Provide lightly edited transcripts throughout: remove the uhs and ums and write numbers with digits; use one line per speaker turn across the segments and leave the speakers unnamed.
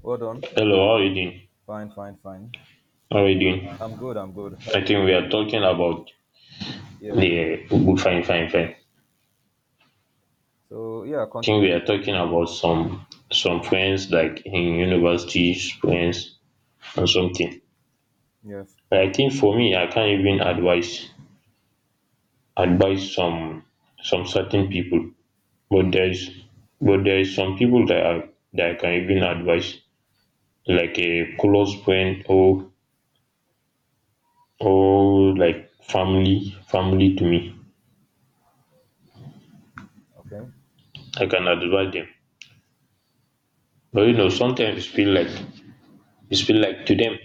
Well done.
Hello, how are you doing?
Fine, fine, fine.
How are you doing?
I'm good. I'm good.
I think we are talking about
Yeah.
the fine, fine, fine. I
So yeah,
think
continue.
we are talking about some friends like in university friends and something.
Yes.
But I think for me, I can't even advise some certain people. But there is some people that I can even advise, like a close friend or like family to me.
Okay.
I can advise them. But you know, sometimes feel like to them,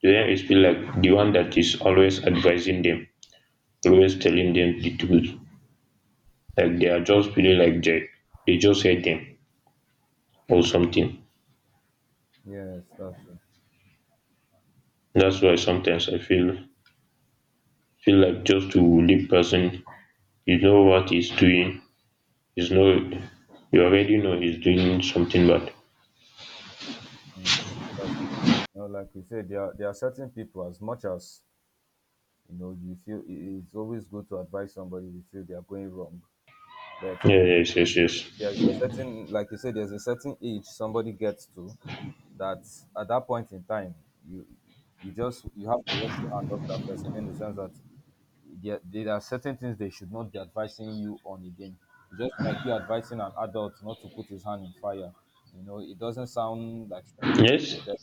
it feel like the one that is always advising them, always telling them the truth. Like they are just feeling like they just hate them or something.
Yes, that's true.
That's why sometimes I feel like just to leave person, you know what he's doing, he's no you already know he's doing something bad.
Mm, that's true. You know, like we said, there are certain people. As much as you know, you feel it's always good to advise somebody. You feel they are going wrong, but
Yeah, yes, yes,
there's
yes.
a certain, like you said, there's a certain age somebody gets to that at that point in time, you you have to wash your hand off that person in the sense that there are certain things they should not be advising you on again. Just like you advising an adult not to put his hand in fire. You know, it doesn't sound like you should be
Yes,
telling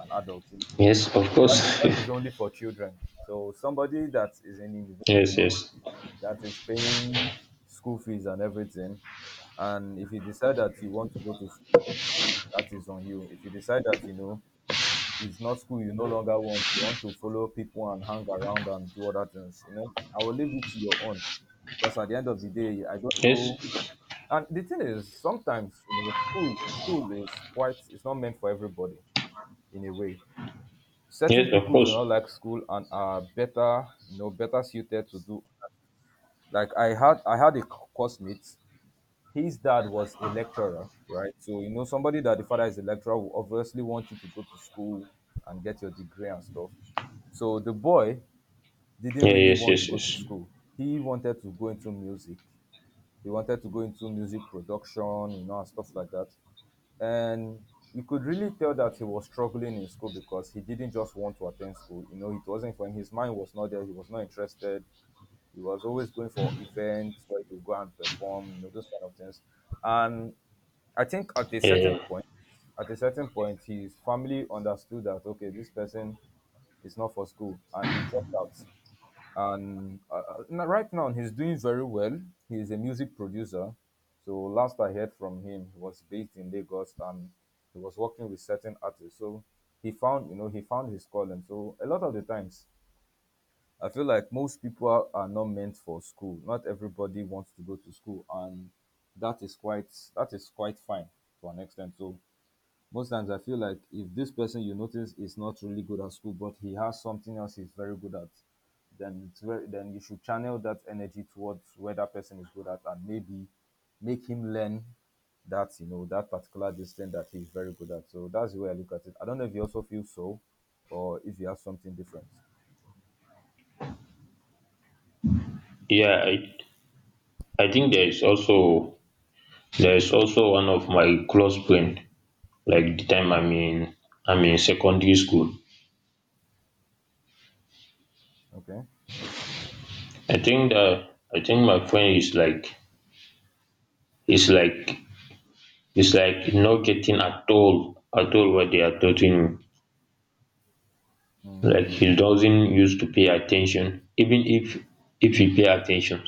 an adult. That,
yes, of course.
that is only for children. So somebody that is in university,
Yes, yes.
that is paying school fees and everything, and if you decide that you want to go to school, that is on you. If you decide that, you know, it's not school you no longer want. You want to follow people and hang around and do other things. You know, I will leave it to your own because at the end of the day, I don't know.
Yes,
And the thing is, sometimes you know, school is quite it's not meant for everybody in a way. Certain
yes, of
people do
course.
not like school and are better, you know, better suited to do. Like I had a course mate, his dad was a lecturer, right? So you know somebody that the father is a lecturer will obviously want you to go to school and get your degree and stuff. So the boy didn't
Yeah,
really
yes,
want to
yes,
go to
yes.
school. He wanted to go into music. He wanted to go into music production, you know, and stuff like that. And you could really tell that he was struggling in school because he didn't just want to attend school. You know, it wasn't for him. His mind was not there. He was not interested. He was always going for events where he would go and perform, you know, those kind of things. And I think at a
Yeah,
certain
yeah.
point, at a certain point, his family understood that okay, this person is not for school, and he dropped out. And right now, he's doing very well. He is a music producer. So last I heard from him, he was based in Lagos and he was working with certain artists. So he found, you know, he found his calling. So a lot of the times, I feel like most people are not meant for school. Not everybody wants to go to school, and that is quite that is quite fine to an extent. So most times I feel like if this person you notice is not really good at school, but he has something else he's very good at, then then you should channel that energy towards where that person is good at and maybe make him learn that you know that particular discipline that he's very good at. So that's the way I look at it. I don't know if you also feel so, or if you have something different.
Yeah, I think there is also one of my close friend, like the time I'm in secondary school.
Okay.
I think that I think my friend is is like is like not getting at all what they are teaching him. Like
Mm,
he doesn't used to pay attention. Even if he pay attention,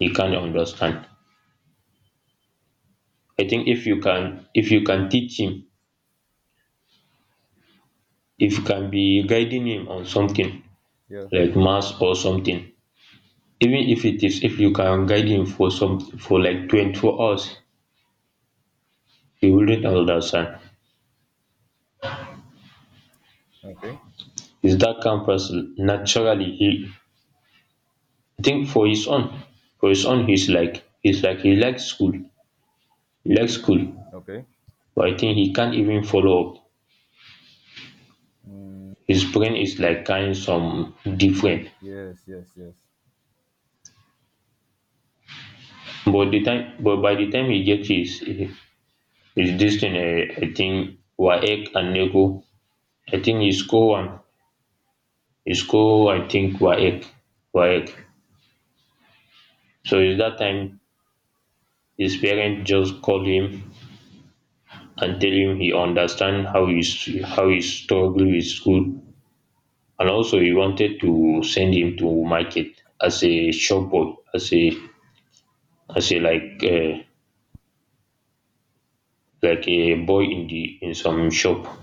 he can't understand. I think if you can teach him, if you can be guiding him on something
yeah.
like maths or something, even if it is if you can guide him for some for like 24 hours he wouldn't understand.
Okay.
He's that kind of person naturally. He i think for his own, he's like he likes school. Likes school
Okay.
but I think he can't even follow up. His brain is like kind of some different.
Yes. Yes. Yes.
But the time but by the time he gets his this thing, I think WAEC and NECO, I think he score one. He score, I think WAEC, waec so it's that time his parents just call him and tell him he understand how he s- how he struggle with school, and also he wanted to send him to market as a shop boy, as a as a, like a, like a boy in the in some shop.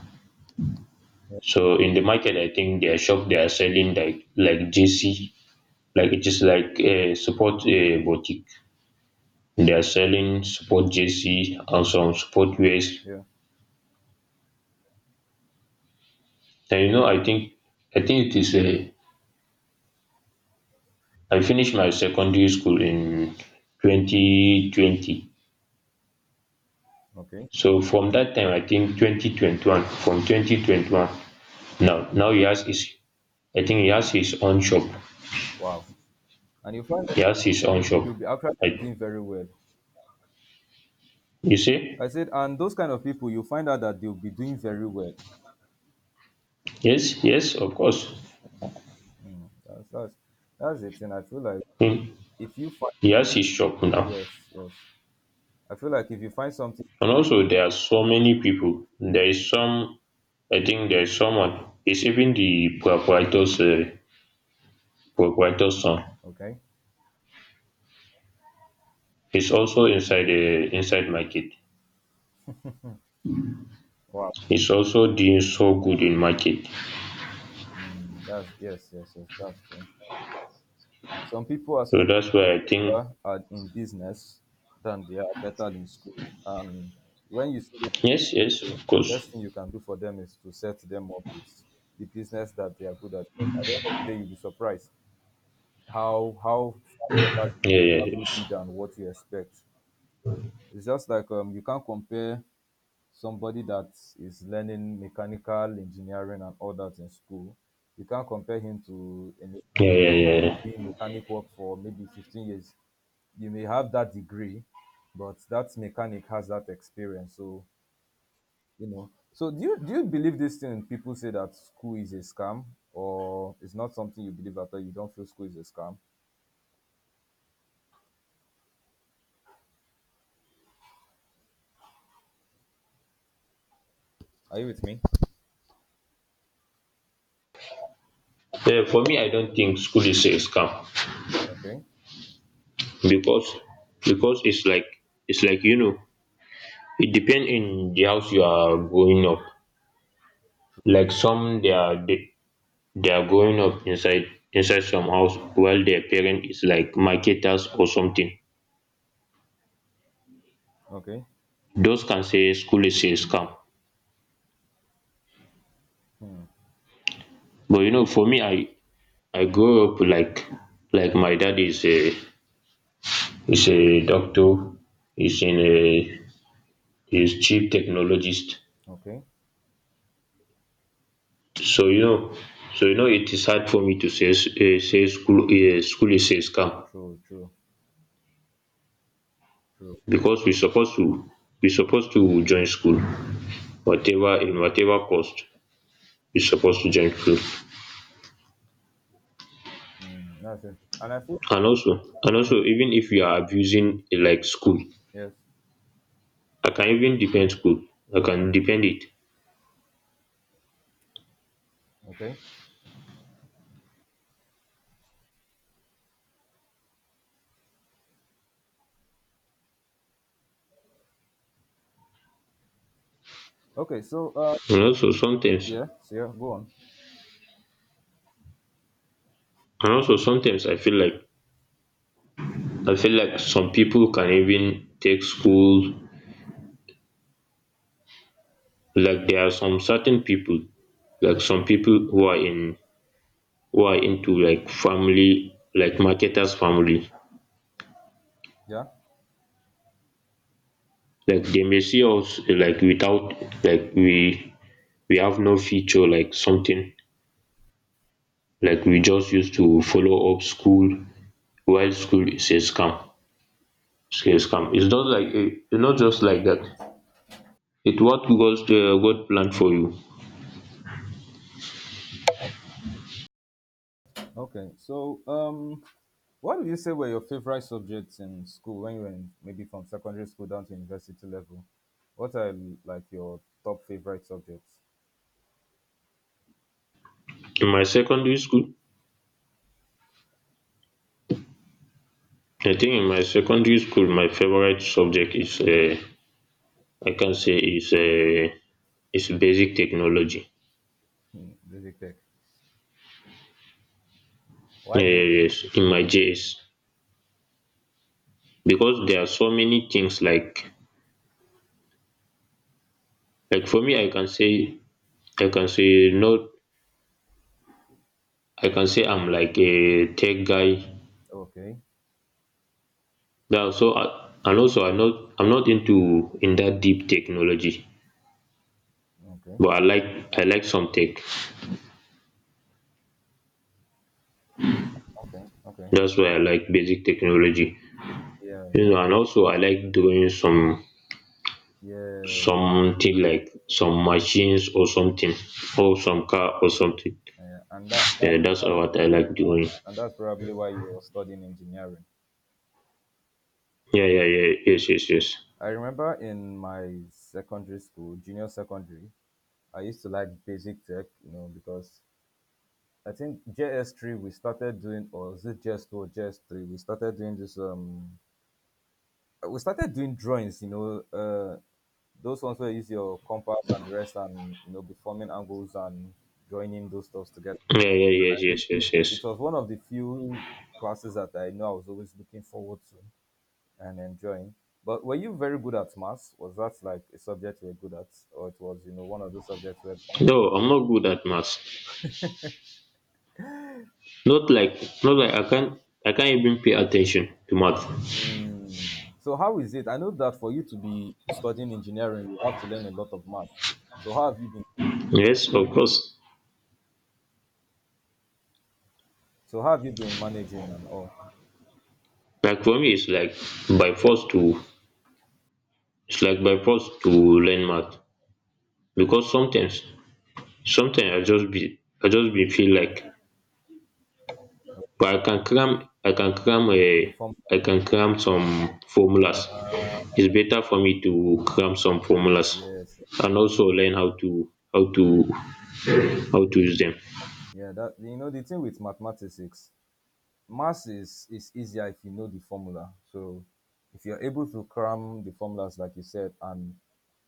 Yeah.
So in the market, I think their shop they are selling like JC, like it is like a support a boutique. They are selling support JC and some support wares.
Yeah.
And you know, I think it is a I finished my secondary school in 2020.
Okay.
So from that time, I think 2021, from 2021 now, he has his, I think he has his own shop.
Wow. And you find that
He has his own shop.
you'll be actually
I,
doing very well.
you see?
I said, and those kind of people, you find out that they'll be doing very well.
Yes, yes, of course.
That's that's that's it. And I feel like
Hmm.
if you find,
He has his shop now.
yes, yes, I feel like if you find something,
And also, there are so many people. There is some, I think there is someone, it's even the proprietor's, proprietor's son.
okay,
He's also inside, inside my kid.
wow,
Is also doing so good in market.
mm, that's yes, yes, yes, that's true. Some people are some
So that's why I think
people are in business than they are better in school. And when you see those
yes, yes,
people,
of course.
best thing you can do for them is to set them up with the business that they are good at. At the end of the day, you'll be surprised how far better you
Yeah, yeah,
probably
yes.
be than what you expect. It's just like you can't compare somebody that is learning mechanical engineering and all that in school. You can't compare him to a
Yeah, yeah, yeah, yeah.
doing mechanic work for maybe 15 years. You may have that degree, but that mechanic has that experience. So you know. So do you believe this thing? People say that school is a scam, or it's not something you believe at all. You don't feel school is a scam. Are you with me?
Yeah, for me, I don't think school is a scam,
Okay,
because it's like you know it depends in the house you are growing up. Like some they are they are growing up inside some house while their parent is like marketers or something.
okay,
Those can say school is a scam. But you know, for me, I grow up like my dad is a doctor. He's in a He's chief technologist.
okay.
So you know, so you know, it is hard for me to say s- eh, say school eh, school is a scam,
True, true, true.
because we supposed to join school whatever in whatever cost. We supposed to join school,
Mm, that's it. And I feel
and also even if you are abusing eh, like school.
yes.
I can even defend school, I can defend it.
Okay. Okay. So,
and also sometimes
yeah. So, yeah. Go on.
and also sometimes I feel like some people can even take school, like there are some certain people, like some people who are in who are into like family like marketers family,
Yeah.
like they may see us like without like we we have no feature like something, like we just used to follow up school while school is a scam, it's a scam. It's not like eh, it's not just like that. It what goes to God planned for you.
Okay. So, what do you say were your favorite subjects in school when you were in, maybe from secondary school down to university level? What are like your top favorite subjects?
In my secondary school, my favorite subject is um, I can say is um, is basic technology.
Hmm, basic tech. Why basic?
Yes. In my JS, because there are so many things like for me I can say no I can say I'm like a tech guy
Okay.
now. So I, and also I'm not into in that deep technology,
Okay.
but I like some tech.
Mm, okay. Okay.
That's why I like basic technology.
Yeah.
You
Yeah.
know, and also I like doing some
Yeah.
something like some machines or something, or some car or something.
Yeah. And that
Yeah, that's what I like doing.
and that's probably why you're studying engineering.
Yeah, yeah, yeah. Yes, yes, yes.
I remember in my secondary school, junior secondary, I used to like basic tech, you know, because I think JS3 we started doing, or was it JS2 or JS3? We started doing this. We started doing drawings, you know, those ones where you use your compass and the rest, and you know, deforming angles and joining those stuffs together.
Yeah, yeah, yes, yes, yes,
It
yes.
was one of the few classes that I know I was always looking forward to and enjoying. But were you very good at maths? Was that like a subject you were good at, or it was you know one of those subjects where.
No, I'm not good at maths. Not like I can't even pay attention to math.
Mm. So how is it? I know that for you to be studying engineering, you have to learn a lot of math. So how have you been?
Yes, of course.
So how have you been managing and all
Like for me it's like by force to it's like by force to learn math. Because sometimes I just be feel like, but I can cram
the form?
I can cram some formulas. It's better for me to cram some formulas,
Yes,
and also learn how to how to use them.
yeah. That you know the thing with mathematics, maths is easier if you know the formula. So if you're able to cram the formulas like you said and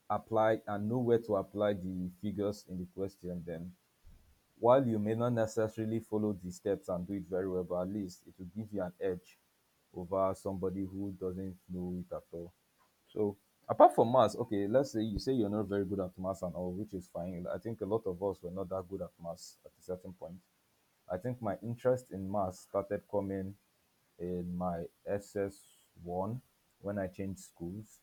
apply and know where to apply the figures in the question, then while you may not necessarily follow the steps and do it very well, but at least it will give you an edge over somebody who doesn't know it at all. So apart from maths, okay, let's say you say you're not very good at maths and all, which is fine. I think a lot of us were not that good at maths at a certain point. I think my interest in maths started coming in my SS1 when I changed schools.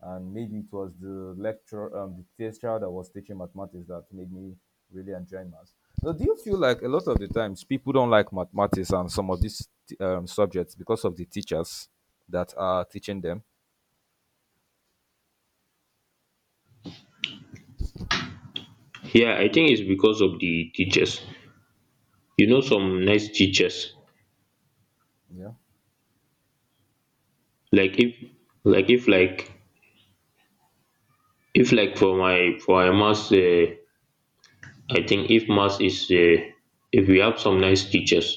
And maybe it was the the teacher that was teaching mathematics that made me really enjoy maths. So, do you feel like a lot of the times people don't like mathematics and some of these subjects because of the teachers that are teaching them?
Yeah, I think it's because of the teachers. You know, some nice teachers,
Yeah,
like if like if, like for my maths, I think if maths is, if we have some nice teachers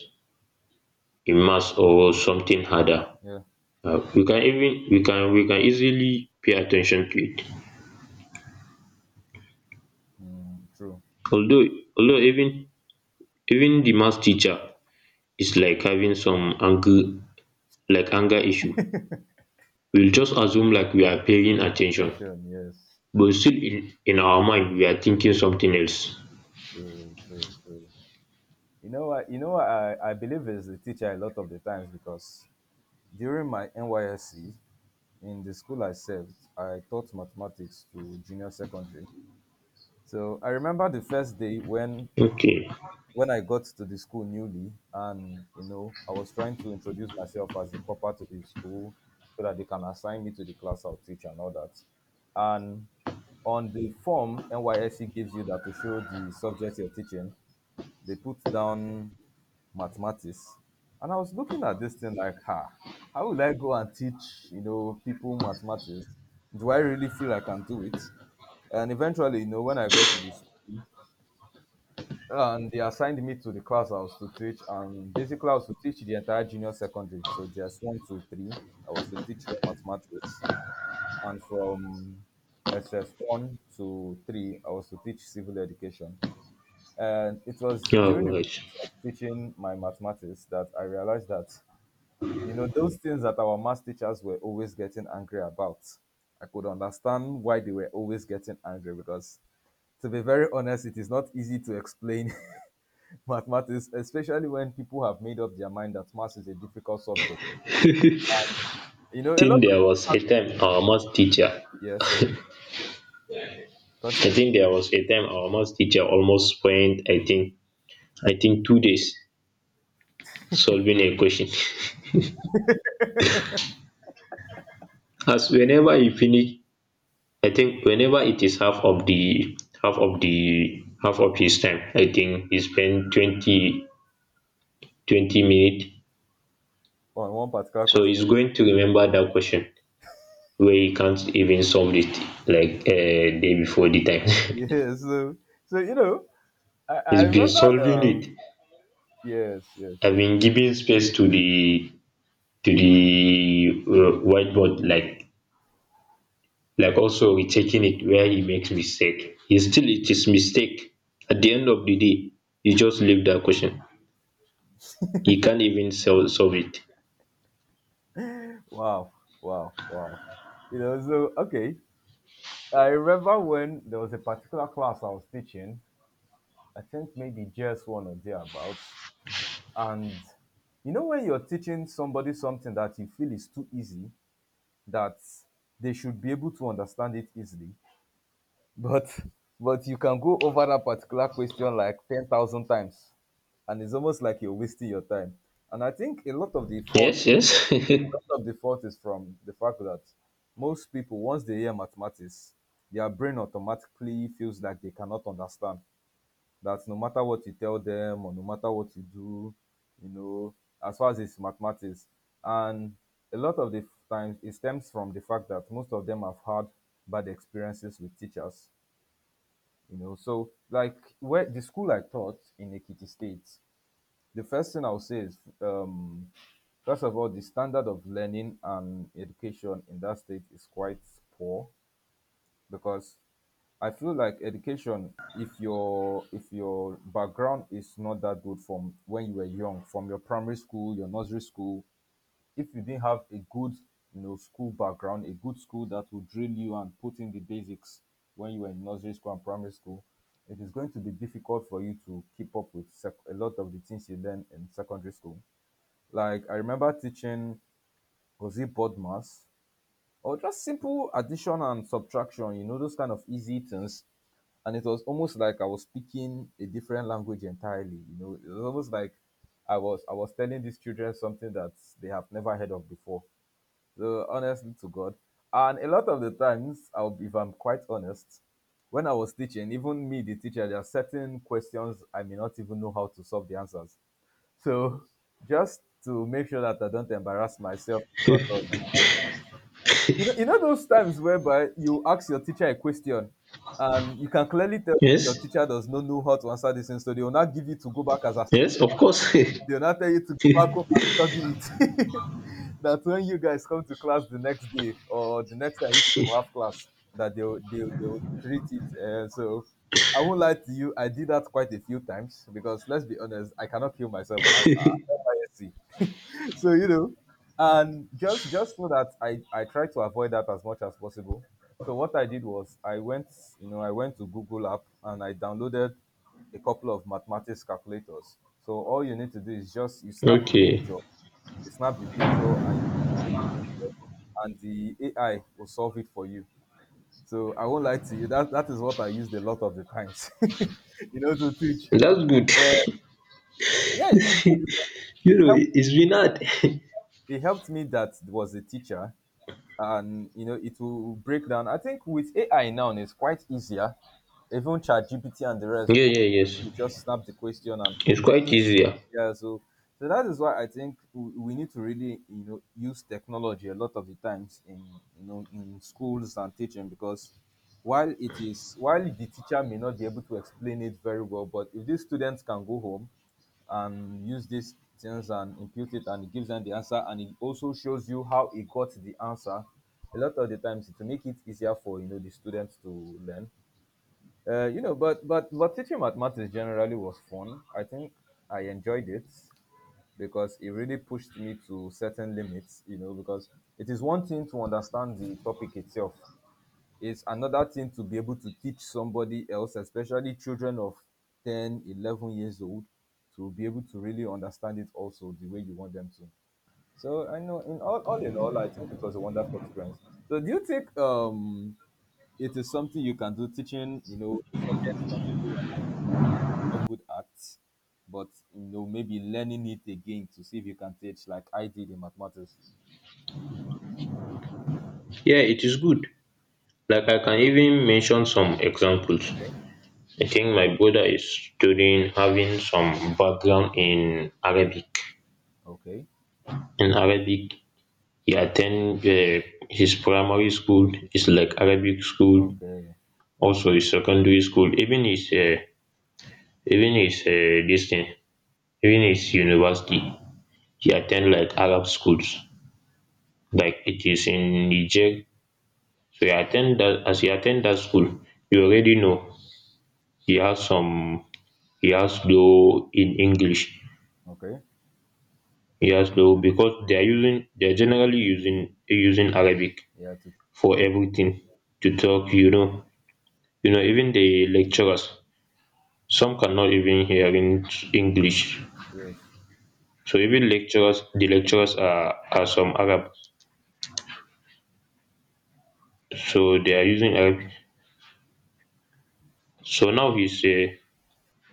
in maths or something harder,
yeah,
we can even we can easily pay attention to it.
mm, true.
although Although even the math teacher is like having some anger, like anger issue, we'll just assume like we are paying attention,
Attention, yes,
but still in our mind we are thinking something else.
true, true, true. You know what? You know what? I believe is the teacher a lot of the times because during my NYSC in the school I served, I taught mathematics to junior secondary. So I remember the first day when
Okay.
I got to the school newly, and you know I was trying to introduce myself as the proper to the school so that they can assign me to the class I'll teach and all that. And on the form NYSC gives you that to show the subject you're teaching, they put down mathematics. And I was looking at this thing like, ha, how will I go and teach, you know, people mathematics? Do I really feel I can do it? And eventually, you know, when I got to the school and they assigned me to the class I was to teach, and basically I was to teach the entire junior secondary. So just one, two, three. I was to teach them mathematics. And from SS1 to 3, I was to teach civil education. And it was during the
Alright.
process of teaching my mathematics that I realized that you know, those things that our math teachers were always getting angry about, I could understand why they were always getting angry because, to be very honest, it is not easy to explain mathematics, especially when people have made up their mind that math is a difficult subject. You
I
know, a lot
think
of.
there was a time our math teacher
Yes, yes.
I
Continue
think there was a time our math teacher almost spent I think 2 days solving a question. As whenever he finish, I think whenever it is half of the half of his time, I think he spent twenty twenty 20 minutes.
on one particular
So
question.
he's going to remember that question where he can't even solve it, like a day before the time.
Yes, so you know, I
He's been
remember.
solving it.
Yes, yes,
I've
yes.
been giving space to the whiteboard, like also rechecking it where he makes mistake. He still it is mistake. At the end of the day, he just leave that question. He can't even sol- solve it.
Wow, wow, wow. You know, so, okay. I remember when there was a particular class I was teaching, I think maybe just one or thereabouts. And you know, when you're teaching somebody something that you feel is too easy, that they should be able to understand it easily, but but you can go over that particular question like 10,000 times, and it's almost like you're wasting your time. And I think
Yes, yes.
a lot of the fault is from the fact that most people, once they hear mathematics, their brain automatically feels like they cannot understand, that no matter what you tell them or no matter what you do, you know, as far as it's mathematics. And a lot of the times it stems from the fact that most of them have had bad experiences with teachers, you know. So like where the school I taught in Ekiti State, the first thing I'll say is first of all, the standard of learning and education in that state is quite poor, because I feel like education, if your background is not that good from when you were young, from your primary school, your nursery school, if you didn't have a good, you know, school background, a good school that will drill you and put in the basics when you were in nursery school and primary school, it is going to be difficult for you to keep up with a lot of the things you learn in secondary school. Like I remember teaching, was it board maths or just simple addition and subtraction, you know, those kind of easy things, and it was almost like I was speaking a different language entirely. You know, it was almost like I was telling these children something that they have never heard of before. So honestly to God. And a lot of the times, I'll if I'm quite honest, when I was teaching, even me, the teacher, there are certain questions I may not even know how to solve the answers. So just to make sure that I don't embarrass myself in front of the student, you know, you know those times whereby you ask your teacher a question and you can clearly tell your
Yes,
teacher does not know how to answer this thing, so they will not give you to go back as a
yes, of course.
they'll not tell you to go back home and study it. That when you guys come to class the next day or the next time you people have class, that they'll treat it. So I won't lie to you, I did that quite a few times because let's be honest, I cannot kill myself. I am NYSC. So you know, and just so that I try to avoid that as much as possible. So what I did was I went, you know, I went to Google app and I downloaded a couple of mathematics calculators. So all you need to do is just you snap the
Okay.
picture, you snap the picture and you post it there, and the AI will solve it for you. So I won't lie to you that that is what I used a lot of the times. You know, to teach,
That's good.
uh, yeah, it is good because
You
it
know,
helped,
it's been hard.
it helped me that there was a teacher. And you know, it will break down. I think with AI now, it's quite easier. Even ChatGPT and the rest,
Yeah, yeah, yes.
you just snap the question and
It's
post.
quite easier, yeah.
Yeah, so so that is why I think we need to really, you know, use technology a lot of the times in, you know, in schools and teaching, because while it is while the teacher may not be able to explain it very well, but if these students can go home and use these things and impute it, and it gives them the answer, and it also shows you how it got the answer, a lot of the times, to make it easier for, you know, the students to learn. You know, but teaching mathematics generally was fun. I think I enjoyed it because it really pushed me to certain limits, you know, because it is one thing to understand the topic itself. It's another thing to be able to teach somebody else, especially children of 10, 11 years old, to be able to really understand it also the way you want them to. So I know, in all in all, I think it was a wonderful experience. So do you think it is something you can do, teaching, you know, subjects that you no good at, but you know, maybe learning it again to see if you can teach like I did in mathematics.
Yeah, it is good. Like I can even mention some examples.
Okay.
I think my brother is studying having some background in Arabic,
Okay,
in arabic he attend, his primary school is like Arabic school,
okay.
also his secondary school, even his this thing. During his university, he attend like Arab schools, like it is in Niger. So he attend that, as he attend that school, you already know he has some he has low in English.
Okay.
He has low because they are using they're generally using using Arabic
Yeah, to
for everything to talk, you know. You know, even the lecturers, some cannot even hear in English.
yes.
So even lecturers the lecturers are some Arab. So they are using Arabic. So now he's a,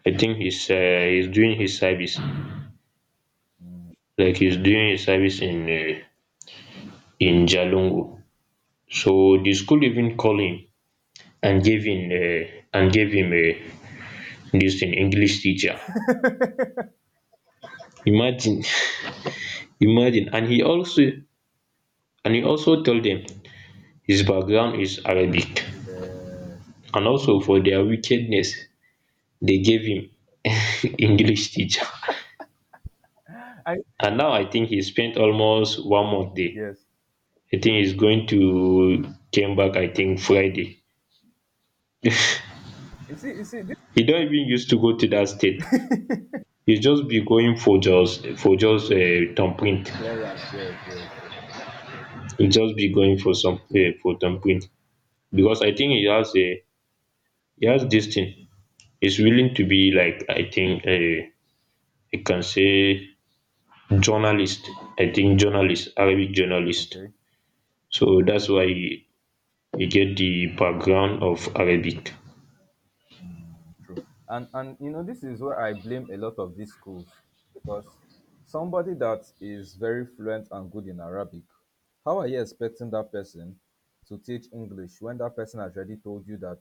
I think he's, he's doing his service
Mm,
in, in Jalungu. So the school even called him and gave him, and gave him uh, this thing English teacher. Imagine, imagine, and he also told them his background is Arabic,
yes.
and also for their wickedness they gave him English teacher.
I
And now I think he spent almost one month there.
yes.
I think he's going to came back. I think Friday.
You see. You see. This
E don even use to go to dat state. He just be going for just
is
thumbprint.
clearance. Yes. Yes. Yes.
He just be going for some for thumbprint, because I think he has a, he has dis thing, he's willing to be like I think um, you can say journalist, I think journalist Arabic journalist.
Okay,
So that's why he get the background of Arabic.
true. And you know, this is where I blame a lot of these schools because somebody that is very fluent and good in Arabic, how are you expecting that person to teach English when that person has already told you that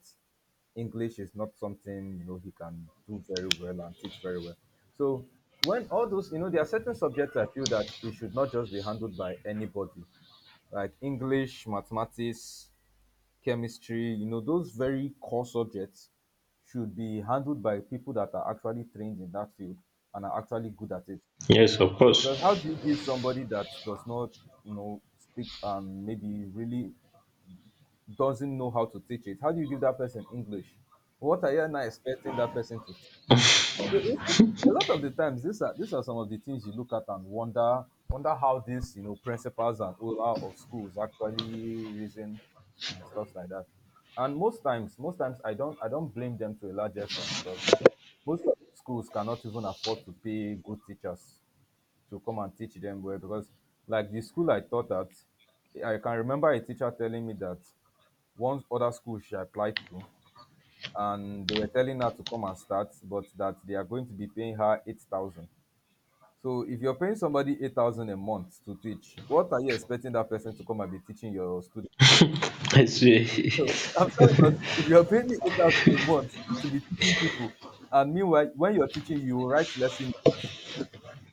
English is not something, you know, he can do very well and teach very well. So when all those, you know, there are certain subjects I feel that it should not just be handled by anybody, like English, mathematics, chemistry, you know, those very core subjects should be handled by people that are actually trained in that field and are actually good at it.
Yes, of
Because how
course.
do you give somebody that does not, you know, speak and maybe really doesn't know how to teach it? How do you give that person English? What are you now expecting that person to teach? So you see, a lot of the times, these are some of the things you look at and wonder, how these, you know, principals and all out of schools actually reason and stuff like that. And most times I don't blame them to a large extent because most of the schools cannot even afford to pay good teachers to come and teach them well, because like the school I taught at, I can remember a teacher telling me that once other schools she applied to, and they were telling her to come and start, but that they are going to be paying her 8,000. So if you're paying somebody 8,000 a month to teach, what are you expecting that person to come and be teaching your students?
I swear.
I'm sorry, but if you're paying me 8,000 a month to be teaching people, and meanwhile, when you're teaching, you write lesson notes,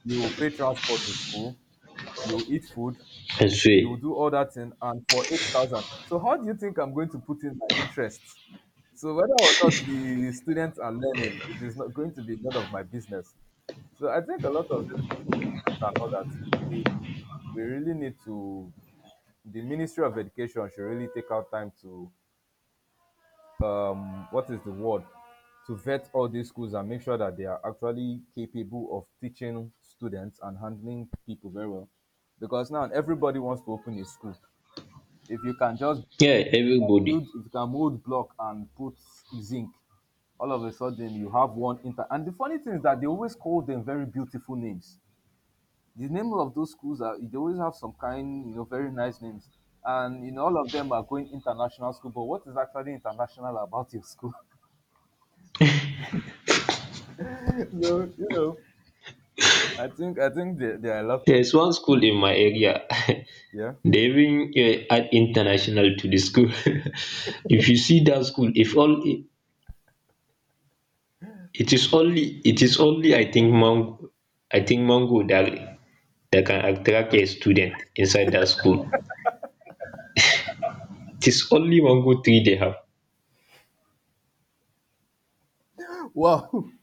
you pay transport to school, you eat food,
I swear.
you will do all that thing and for 8,000. So how do you think I'm going to put in my interest? So whether or not the students are learning, it is not going to be none of my business. So I think a lot of this business and all that, we we really need to, the Ministry of Education should really take out time to, what is the word, to vet all these schools and make sure that they are actually capable of teaching students and handling people very well. Because now everybody wants to open a school, if you can just
Yeah, everybody.
build, if you can mold block and put zinc, all of a sudden you have one inter. And the funny thing is that they always call them very beautiful names. The name of those schools are, they always have some kind, you know, very nice names. And you know, all of them are going international school. But what is actually international about your school? So you know, I think there, there are a lot.
There is one school in my area.
Yeah.
They even, add international to the school. If you see that school, if all, it is only I think Mango, I think Mango that can attract a student inside that school. It is only Mango tree they have.
Wow.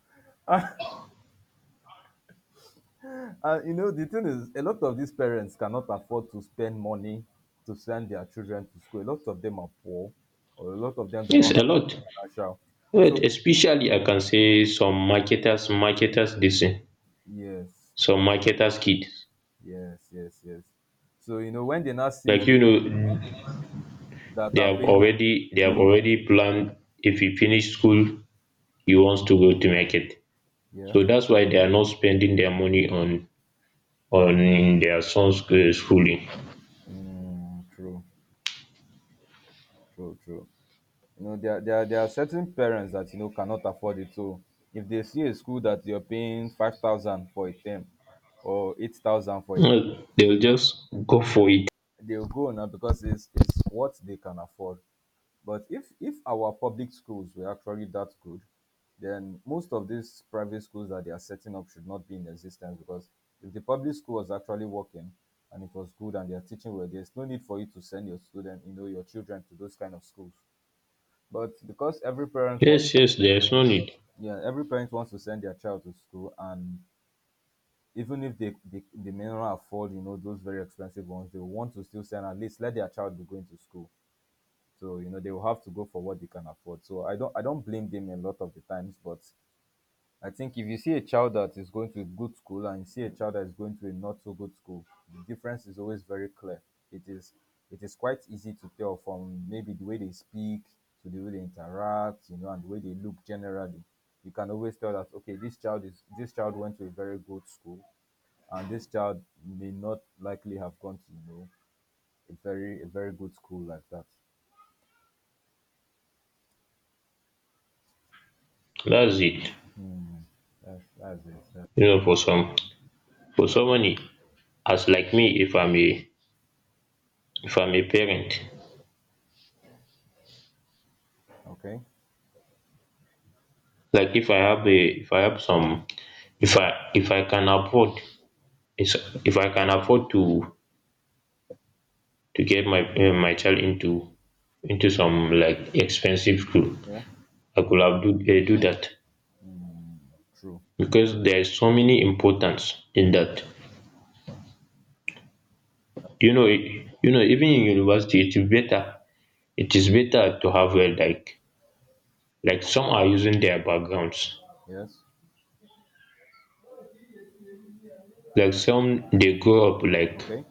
And you know, the thing is, a lot of these parents cannot afford to spend money to send their children to school. A lot of them are poor, or a lot of them do
Yes,
not
a
have that
lot.
financial. So
But especially I can say some marketers this thing.
yes,
Some marketers kids.
yes, yes, yes. So you know, when they now see
Like you know,
that are paying, like,
they have already planned, if you finish school you want to go to market,
yeah,
so that's why they are not spending their money on their son's, schooling.
mm, true, true, true. You know, there are certain parents that, you know, cannot afford it. So if they see a school that you're paying 5,000 for a term, or 8,000 for a,
No, they'll just go for it.
they'll go now because it's what they can afford. But if our public schools were actually that good, then most of these private schools that they are setting up should not be in existence because if the public school was actually working and it was good and they are teaching well, there's no need for you to send your student, you know, your children to those kind of schools. But because every parent wants,
Yes, yes, there's no need.
yeah, every parent wants to send their child to school, and even if they may not afford, you know, those very expensive ones, they want to still send, at least let their child be going to school. So you know, they will have to go for what they can afford. So I don't blame them a lot of the times, but I think if you see a child that is going to a good school and you see a child that is going to a not so good school, the difference is always very clear. It is it is quite easy to tell from maybe the way they speak to the way they interact, you know, and the way they look generally. You can always tell that okay, this child went to a very good school and this child may not likely have gone to, you know, a very, a very good school like that.
That's it.
Hmm. That's it. That-
You know, for some, for someone as like me, if I'm a parent,
okay.
like if I have a, if I, can afford, it's, if I can afford to get my my child into some like expensive school,
Yeah.
I could have do, do that.
True.
Because there is so many importance in that. You know e- even in university it is better to have a like, some are using their backgrounds,
Yes.
like some they grow up like
Okay.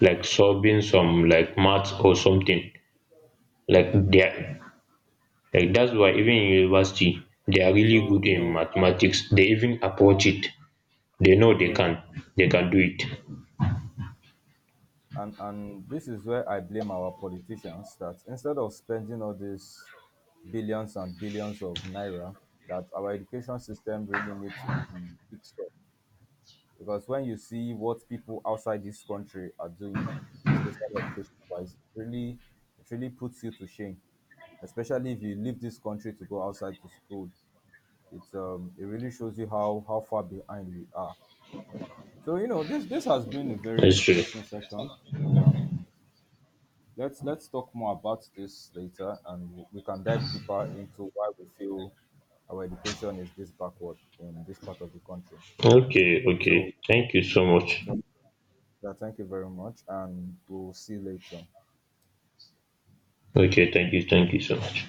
solving some like maths or something, like they are that's why even in university they are really
So
good
you
in
know,
mathematics, they even approach it, they know they
yeah,
can do it.
and this is where I blame our politicians that instead of spending all these billions and billions of naira, that our education system really needs to be fixed up. Because when you see what people outside this country are doing, especially education wise, it really, it really puts you to shame, especially if you leave this country to go outside to school. It's it really shows you how far behind we are. So you know, this has been a very
That's true.
interesting session. And, let's talk more about this later, and we can dive deeper into why we feel our education is this backward in this part of the country.
Okay, okay,
So
thank you so much.
yeah, thank you very much and we'll see you later.
Okay, thank you, thank you so much.